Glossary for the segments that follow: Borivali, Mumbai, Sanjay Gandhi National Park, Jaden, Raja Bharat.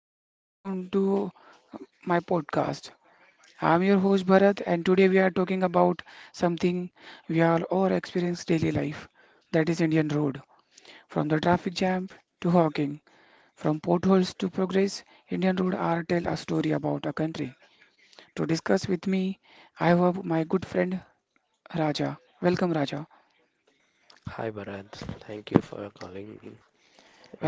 and welcome to my podcast. I'm your host Bharat and today we are talking about something we all experience daily life, that is Indian road. From the traffic jam to hawking, from potholes to progress, Indian road are tell a story about a country. To discuss with me, I have my good friend Raja. Welcome Raja. Hi Bharat, thank you for calling me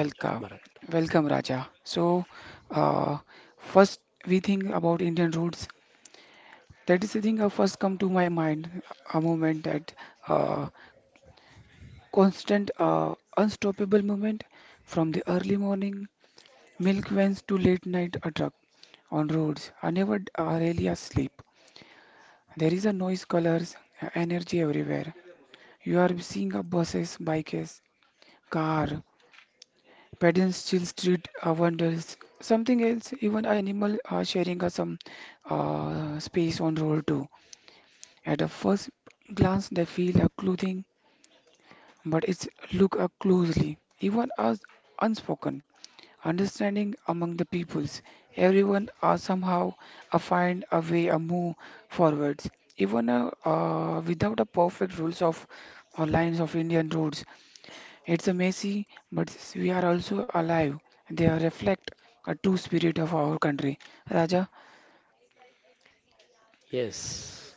Raja Bharat. Welcome Raja. So uh, first we think about Indian roads. That is the thing that first come to my mind, a moment that uh, constant, unstoppable moment from the early morning milk vans to late night a truck on roads. I never really asleep. There is a noise, colors, energy everywhere. You are seeing a buses, bikes, car, pedestrian street wonders, something else, even a animal are sharing some space on road too. At a first glance, they feel a clothing but it's look up closely, even as unspoken. Understanding among the peoples, everyone are somehow a find a way, a move forwards. Even without a perfect rules of or lines of Indian roads, it's a messy, but we are also alive. They are reflect a true spirit of our country, Raja. Yes,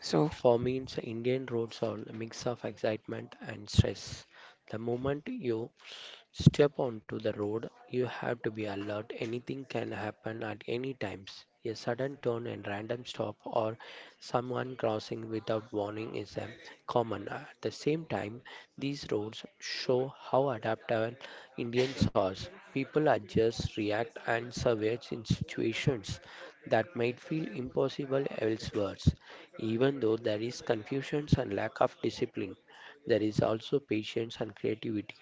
So for me, it's Indian roads are a mix of excitement and stress. The moment you step onto the road, you have to be alert. Anything can happen at any times. A sudden turn and random stop or someone crossing without warning is a common. At the same time, these roads show how adaptable Indians are. People adjust, react and survive in situations that might feel impossible elsewhere. Even though there is confusion and lack of discipline, there is also patience and creativity.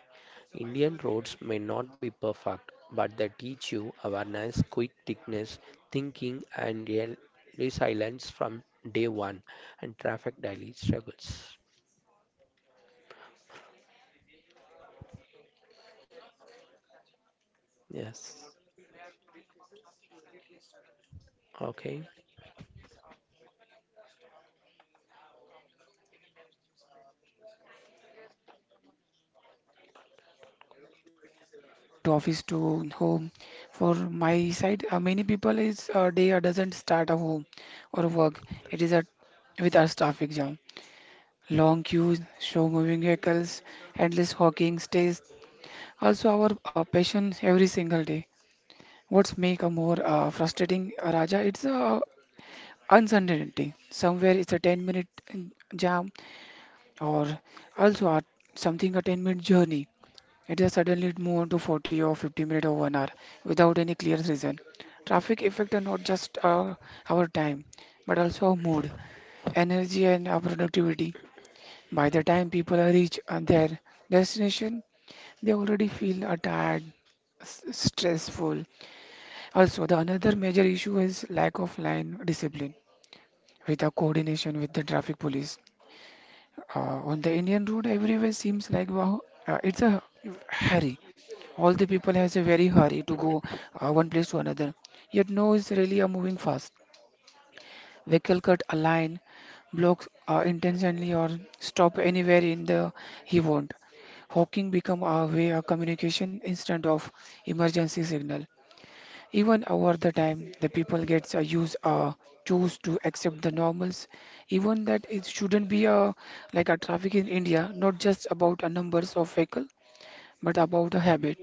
Indian roads may not be perfect, but they teach you awareness, quick thickness, thinking, and real resilience from day one, and traffic daily struggles. okay, that's good, Raja. Yes. So we are talking about traffics and daily struggle too. Okay. Regarding the traffic is probably a most common problem in anywhere using Indian roads. It has been a, become a normal part of daily life in day to day, going to office to home. For my side, many people is day doesn't start at home or work. It is a with our traffic jam, long queues, slow moving vehicles, endless hawking stays. Also our passion every single day. What's make a more frustrating, Raja? It's uncertainty. Somewhere it's a 10-minute jam or also a, something a 10-minute journey. It has suddenly moved to 40 or 50 minutes or 1 hour without any clear reason. Traffic effect are not just our time but also our mood, energy and our productivity. By the time people are reach their destination, they already feel tired, stressful. Also, the another major issue is lack of line discipline with the coordination with the traffic police. On the Indian road, everywhere seems like wow, it's a hurry. All the people has a very hurry to go one place to another. Yet no, is really are moving fast. Vehicle cut a line, blocks intentionally or stop anywhere in the he won't. Hawking become our way of communication instead of emergency signal. Even over the time, the people gets used choose to accept the normals, even that it shouldn't be a like a traffic in India, not just about a numbers of vehicle, but about a habit,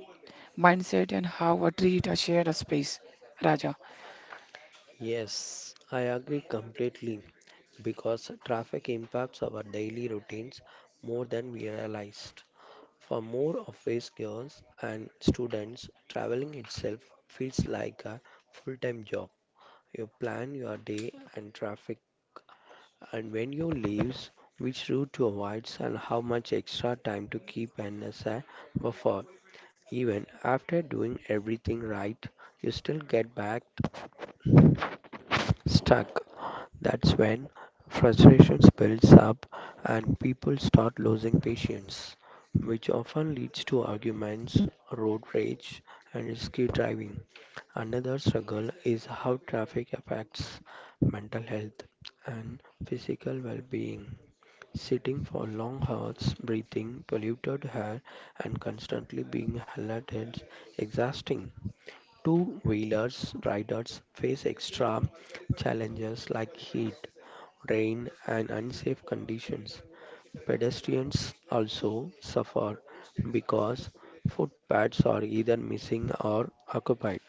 mindset, and how a treat a shared a space. Raja, Yes, I agree completely because traffic impacts our daily routines more than we realized. For more office girls and students, traveling itself feels like a full-time job. You plan your day and traffic. And when you leaves, which route to avoid and how much extra time to keep an asset buffer. Even after doing everything right, you still get back stuck. That's when frustration builds up and people start losing patience, which often leads to arguments, road rage, and risky driving. Another struggle is how traffic affects mental health and physical well being. Sitting for long hours, breathing polluted air, and constantly being held is exhausting. Two-wheelers riders face extra challenges like heat, rain, and unsafe conditions. Pedestrians also suffer because footpaths are either missing or occupied.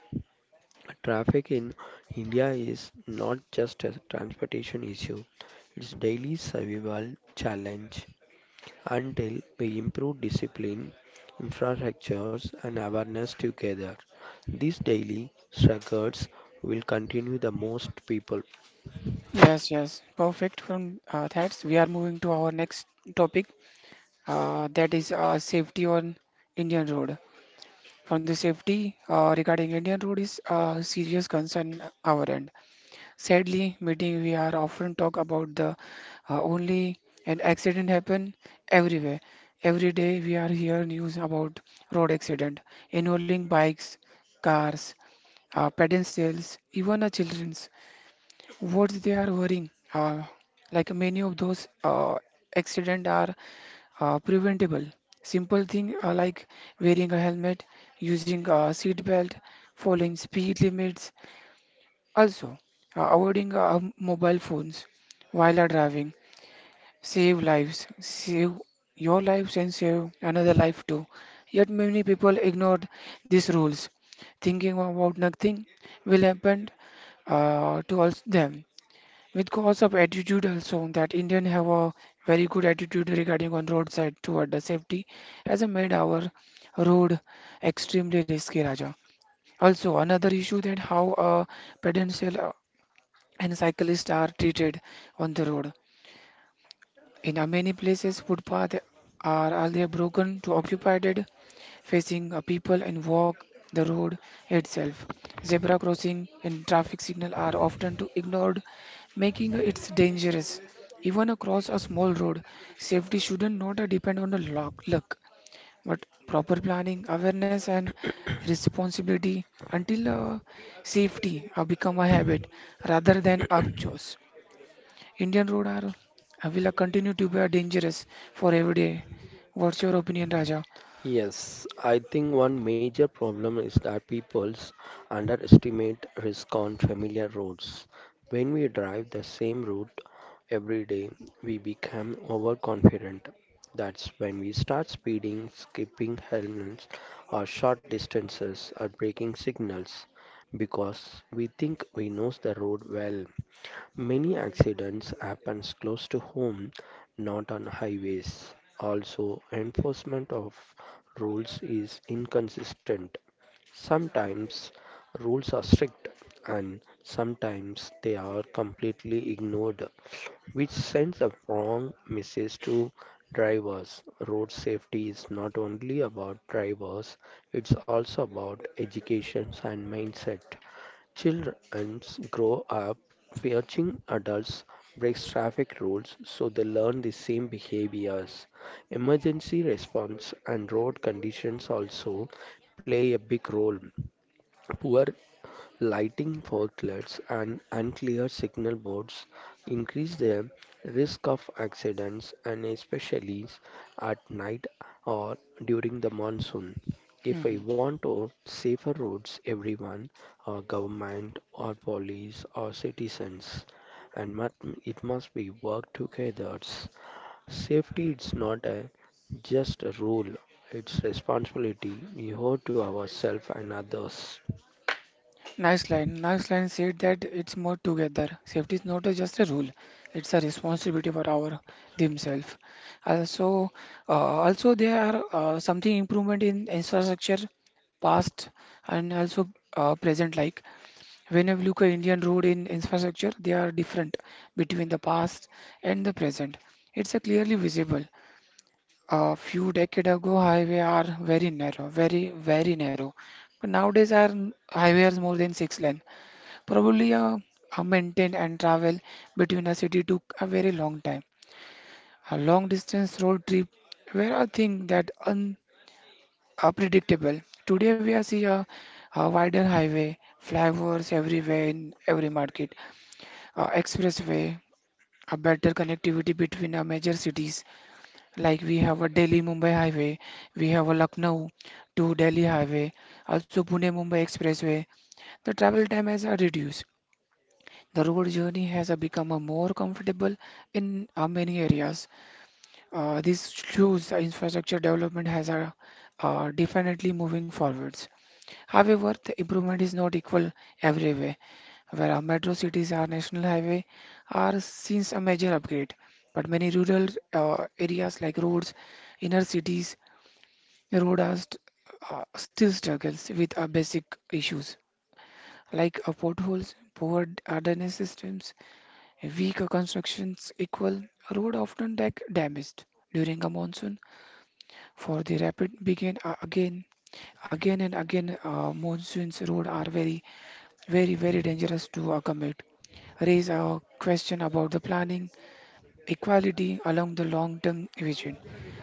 Traffic in India is not just a transportation issue, it's daily survival challenge until we improve discipline, infrastructures, and awareness together. These daily struggles will continue the most people. yes, yes, perfect. From that, we are moving to our next topic, that is safety on Indian road. From the safety regarding Indian road is a serious concern our end. Sadly, meeting we are often talk about the only an accident happen everywhere. Every day we are hear news about road accident involving bikes, cars, pedestrians, even childrens. What they are worrying? Like many of those accident are preventable. Simple thing like wearing a helmet, using a seat belt, following speed limits, also, avoiding mobile phones while are driving save lives, save your lives and save another life too. Yet many people ignore these rules, thinking about nothing will happen to us them. With cause of attitude also that Indian have a very good attitude regarding on roadside toward the safety as a made our road extremely risky Raja. Also another issue that how pedestrian and cyclists are treated on the road. In many places, footpaths are earlier broken to occupied, facing people and walk the road itself. Zebra crossing and traffic signal are often to ignored, making it dangerous. Even across a small road, safety shouldn't not depend on the luck, but proper planning, awareness, and responsibility until safety become a habit rather than a choice. Indian roads are will continue to be dangerous for every day. What's your opinion, Raja? Yes, I think one major problem is that people's underestimate risk on familiar roads. When we drive the same route every day, we become overconfident. That's when we start speeding, skipping helmets, or short distances, or breaking signals because we think we know the road well. Many accidents happens close to home, not on highways. Also, enforcement of rules is inconsistent. Sometimes rules are strict and sometimes they are completely ignored, which sends a wrong message to drivers. Road safety is not only about drivers, it's also about education and mindset. Children grow up watching adults break traffic rules, so they learn the same behaviors. Emergency response and road conditions also play a big role. Poor lighting forklifts and unclear signal boards increase the risk of accidents and especially at night or during the monsoon. If I Mhm. want to safer roads, everyone, or government, or police, or citizens, and it must be work together. Safety is not a just a rule; it's responsibility we owe to ourselves and others. Nice line. Nice line said that it's more together. Safety is not a just a rule; it's a responsibility for our themselves. Also, also there are something improvement in infrastructure, past and also present. Like when you look at Indian road in infrastructure, they are different between the past and the present. It's a clearly visible. A few decades ago, highway are very narrow, very, very narrow. But nowadays, our highway is more than six lane. Probably a maintain and travel between a city took a very long time. A long distance road trip were a thing that unpredictable. Today, we are see a wider highway, flyovers everywhere in every market, expressway, a better connectivity between our major cities. Like we have a Delhi Mumbai highway, we have a Lucknow to Delhi highway, also Pune Mumbai expressway. The travel time has reduced. The road journey has become a more comfortable in many areas. This shows the infrastructure development has definitely moving forwards. However, the improvement is not equal everywhere where our metro cities are national highway are since a major upgrade but many rural areas like roads inner cities Rodas still struggles with basic issues like potholes, poor drainage systems, weak constructions equal a road often like damaged during a monsoon. For the rapid begin again, again and again, monsoons road are very, very, very dangerous to commute raise a question about the planning, equality along the long-term vision.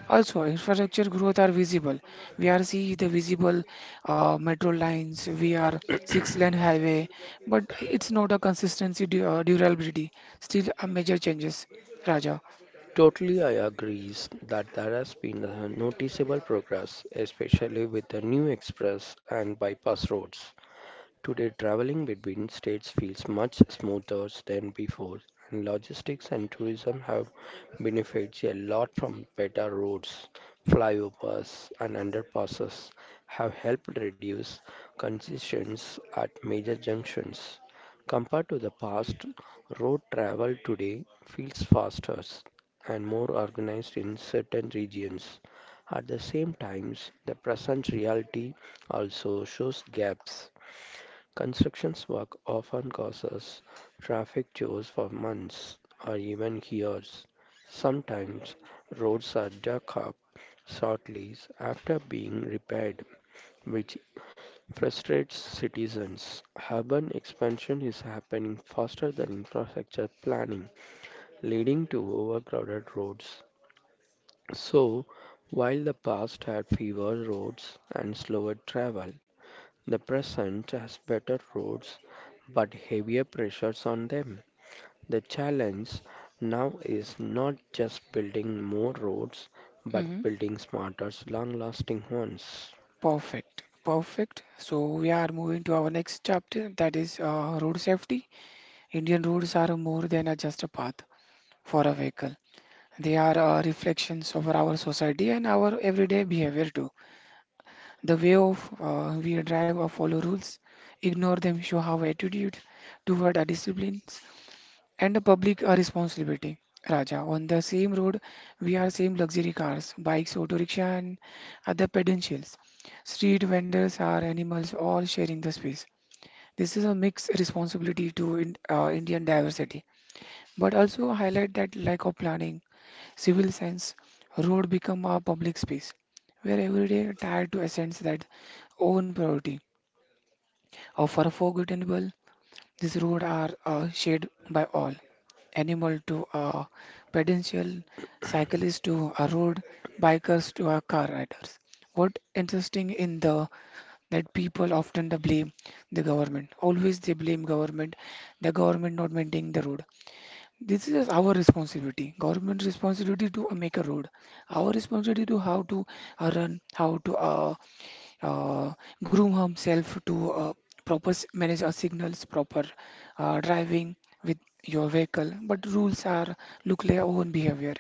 Also, infrastructure growth are visible. We are see the visible metro lines, we are six-lane highway, but it's not a consistency du durability. Still a major changes, Raja. Totally, I agree that there has been a noticeable progress, especially with the new express and bypass roads. Today, traveling between states feels much smoother than before, and logistics and tourism have benefited a lot from better roads, flyovers, and underpasses have helped reduce congestions at major junctions. Compared to the past, road travel today feels faster and more organized in certain regions. At the same times, the present reality also shows gaps. Construction work often causes traffic jams for months or even years. Sometimes roads are dug up shortly after being repaired, which frustrates citizens. Urban expansion is happening faster than infrastructure planning, leading to overcrowded roads. So, while the past had fewer roads and slower travel, the present has better roads but heavier pressures on them. The challenge now is not just building more roads, but Hmm. building smarter, long lasting ones. Perfect, perfect. So we are moving to our next chapter that is road safety. Indian roads are more than a just a path for a vehicle. They are reflections of our society and our everyday behavior too. The way of we drive or follow rules, ignore them show our attitude toward our disciplines and the public are responsibility. Raja, on the same road, we are same luxury cars, bikes, auto rickshaw, and other pedestrians. Street vendors are animals, all sharing the space. This is a mixed responsibility to Indian diversity, but also highlight that lack of planning Civil sense, road become a public space where every day tired to a sense that own priority. Or for a forgettable, these roads are shared by all. Animal to a pedestrian, cyclist to a road, bikers to a car riders. What interesting in the that people often the blame the government. Always they blame government, the government not maintaining the road. This is our responsibility, government responsibility to make a road. Our responsibility to how to run, how to uh, groom himself to proper manage our signals, proper driving with your vehicle. But rules are look like our own behavior.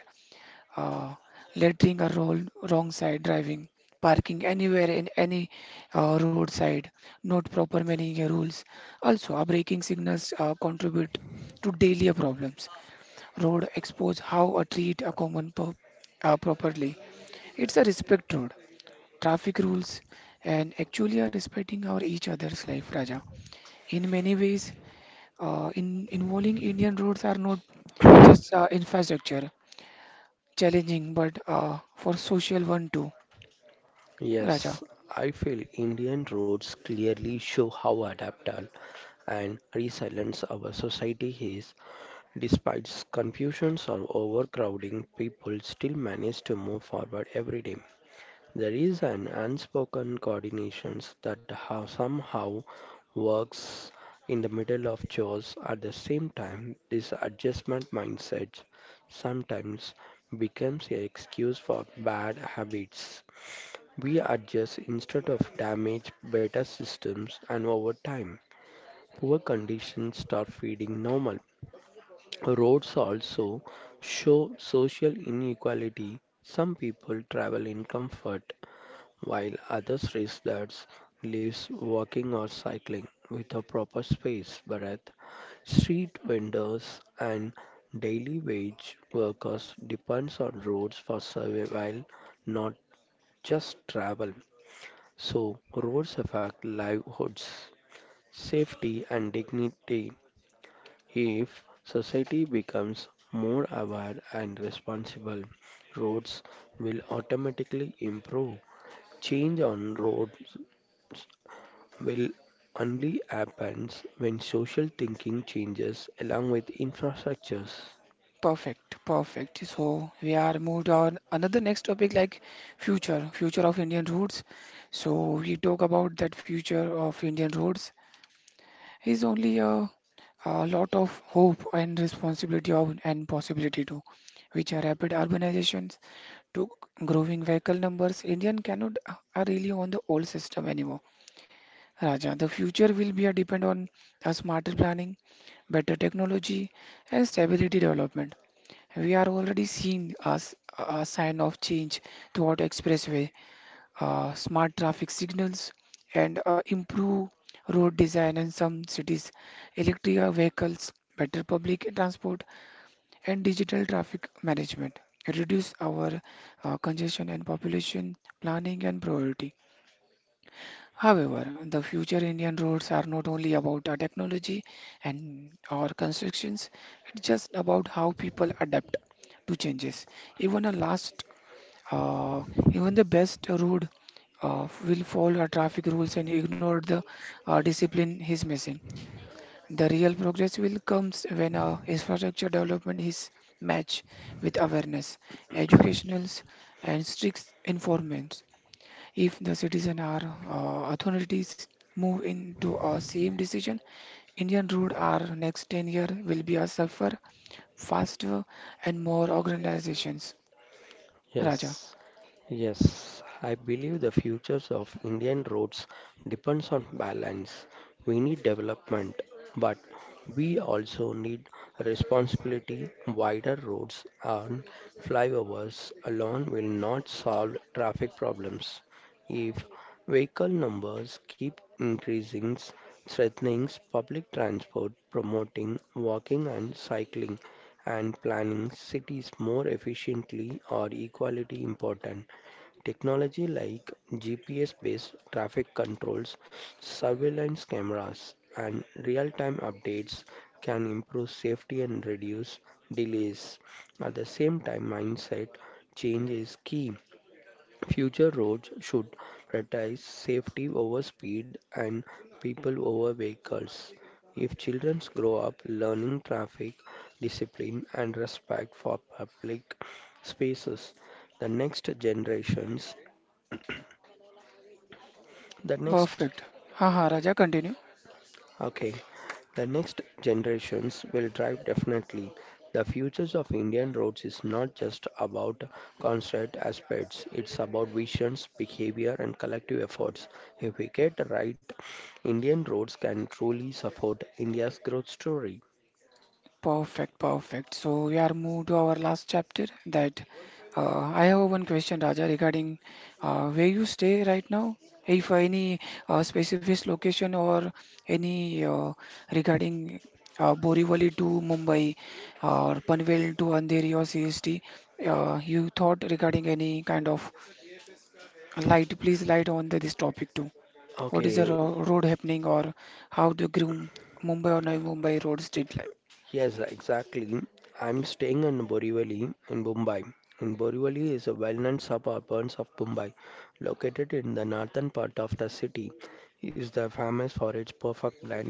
Uh, Lettering a roll, wrong side driving, parking anywhere in any roadside, not proper managing your rules. Also, our braking signals contribute to daily problems road expose how a treat a common pub properly. It's a respect road, traffic rules, and actually are respecting our each other's life, Raja. In many ways, in involving Indian roads are not just infrastructure challenging, but for social one too, Raja. Yes, I feel Indian roads clearly show how adaptable and resilient our society is. Despite confusions or overcrowding, people still manage to move forward every day. There is an unspoken coordination that how somehow works in the middle of chores at the same time this adjustment mindset sometimes becomes an excuse for bad habits. We adjust instead of damage better systems and over time poor conditions start feeding normal. Roads also show social inequality. Some people travel in comfort while others risk their lives walking or cycling without proper space breath. Street vendors and daily wage workers depends on roads for survival, not just travel. So roads affect livelihoods, safety and dignity. If society becomes more aware and responsible, roads will automatically improve. Change on roads will only happen when social thinking changes along with infrastructures. Perfect, perfect. So we are moved on another next topic like future, future of Indian roads. So we talk about that future of Indian roads is only a lot of hope and responsibility of, and possibility too, which are rapid urbanizations to growing vehicle numbers. Indian cannot are really on the old system anymore. Raja, the future will be a depend on a smarter planning, better technology, and stability development. We are already seeing a, a sign of change throughout expressway smart traffic signals, and improve road design in some cities, electric vehicles, better public transport, and digital traffic management. Reduce our congestion and population planning and priority. However, the future Indian roads are not only about technology and or constructions, it's just about how people adapt to changes. Even a large uh, even the best rude will follow traffic rules and ignore the discipline he's missing. The real progress will comes when infrastructure development is matched with awareness, educationals, and strict enforcement. If the citizen or authorities move into a same decision, Indian road our next 10-year will be a safer, faster, and more organizations. Raja, Yes, yes. I believe the futures of Indian roads depends on balance. We need development, but we also need responsibility. Wider roads and flyovers alone will not solve traffic problems. If vehicle numbers keep increasing, threatening public transport, promoting walking and cycling and planning cities more efficiently are equally important. Technology like GPS based traffic controls, surveillance cameras, and real time updates can improve safety and reduce delays. At the same time, mindset change is key. Future roads should prioritize safety over speed and people over vehicles. If children grow up learning traffic discipline and respect for public spaces, the next generations, the next. perfect. Ha ha, Raja, continue. Okay, the next generations will drive definitely. The futures of Indian roads is not just about concrete aspects, it's about visions, behavior, and collective efforts. If we get right, Indian roads can truly support India's growth story. Perfect, perfect. So we are moved to our last chapter that I have one question, Raja, regarding where you stay right now. If any specific location or any regarding Borivali to Mumbai or Panvel to Andheri or CST, you thought regarding any kind of light, please light on the, this topic too. What is the Okay. ro road happening or how to groom Mumbai or Navi Mumbai road street life? Yes, exactly. I'm staying in Borivali in Mumbai. And Borivali is a well-known suburb of Mumbai, located in the northern part of the city. It is the famous for its perfect blend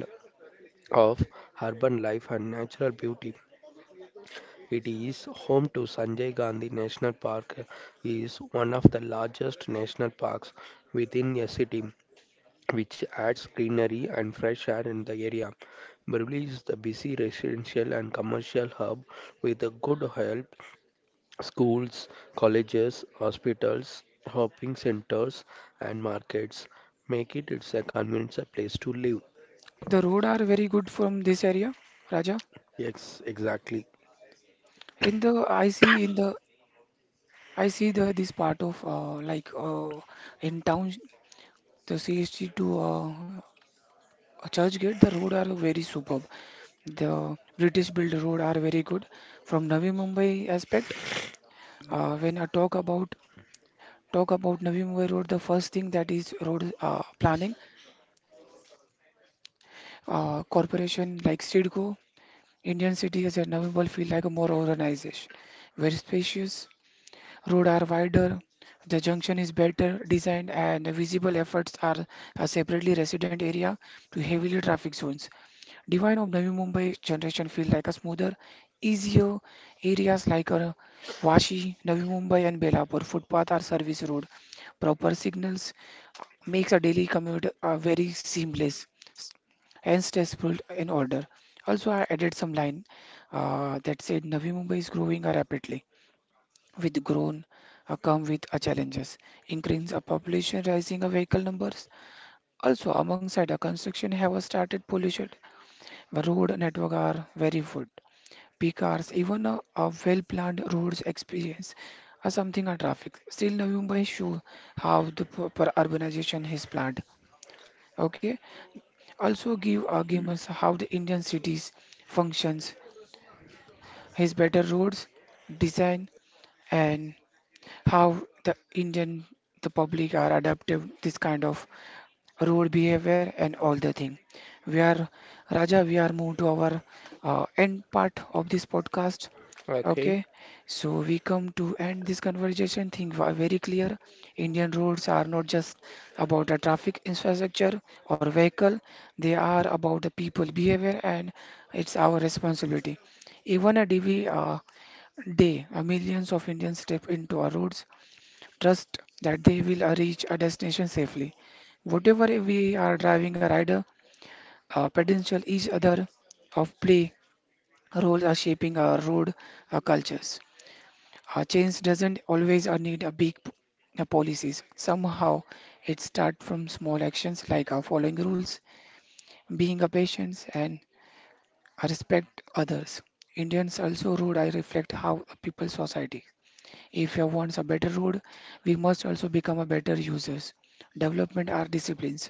of urban life and natural beauty. It is home to Sanjay Gandhi National Park, is one of the largest national parks within a city which adds greenery and fresh air in the area. Birli is the busy residential and commercial hub with a good health, schools, colleges, hospitals, shopping centers, and markets. Make it it's a convenient place to live. The road are very good from this area, Raja. Yes, exactly. In the I see in the I see the this part of like in town the CST to church gate the road are very superb. The British built road are very good from Navi Mumbai aspect. When I talk about Navi Mumbai road, the first thing that is road planning corporation like Sidco, Indian city has a Navi Mumbai feel like a more organization, very spacious. Roads are wider, the junction is better designed, and the visible efforts are a separately resident area to heavily traffic zones. Divine of Navi Mumbai generation feel like a smoother, easier areas like Vashi, Navi Mumbai, and Belapur footpath or service road. Proper signals makes a daily commute very seamless and stressful in order. Also, I added some line that said Navi Mumbai is growing rapidly with grown come with challenges, increase of population, rising of vehicle numbers, also alongside the construction have started pollution. The road network are very good, peak hours even a well planned roads experience are something a traffic still now mumbai show how the per urbanization is planned. Okay, also give arguments how the indian cities functions his better roads design, and how the Indian the public are adaptive this kind of road behavior and all the thing. We are Raja, we are moved to our end part of this podcast. Okay. Okay, so we come to end this conversation. Things are very clear. Indian roads are not just about the traffic infrastructure or vehicle, they are about the people behavior, and it's our responsibility. Even a D V day, millions of Indians step into our roads trust that they will reach a destination safely. Whatever we are driving a rider, a potential each other of play roles are shaping our road our cultures. Our change doesn't always need a big policies. Somehow it starts from small actions like following rules, being a patient and respect others. Indians also road I reflect how a people society. If you want a better road, we must also become a better users. Development are disciplines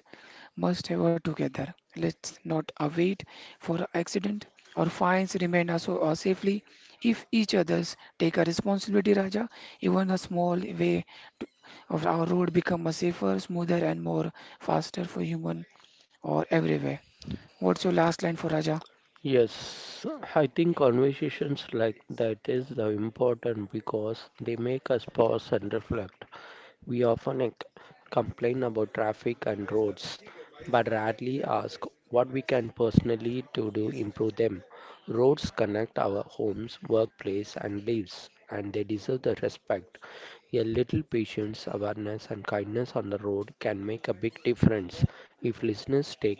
must have together. Let's not await for accident or fines remain also safely if each others take a responsibility, Raja, even a small way to, of our road become a safer, smoother, and more faster for human or everywhere. What's your last line for Raja? Yes, I think conversations like that is the important because they make us pause and reflect. We often complain about traffic and roads, but rarely ask what we can personally do to improve them. Roads connect our homes, workplace, and lives, and they deserve the respect. A little patience, awareness, and kindness on the road can make a big difference. If listeners take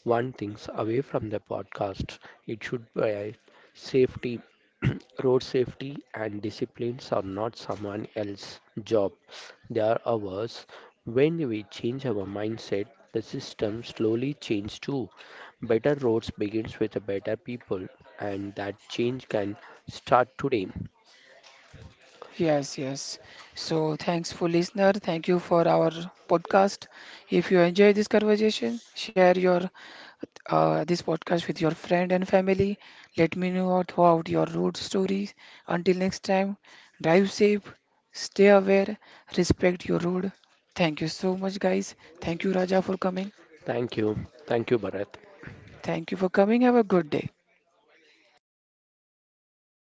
one thing away from the podcast, it should be safety. Road safety and disciplines are not someone else's job, they are ours. When we change our mindset, the system slowly changes too. Better roads begins with a better people, and that change can start today. Yes, yes. So thanks for listener. Thank you for our podcast. If you enjoy this conversation, share your this podcast with your friend and family. Let me know throughout your road stories. Until next time, drive safe, stay aware, respect your road. Thank you so much, guys. Thank you, Raja, for coming. Thank you. Thank you, Bharat. Thank you for coming. Have a good day.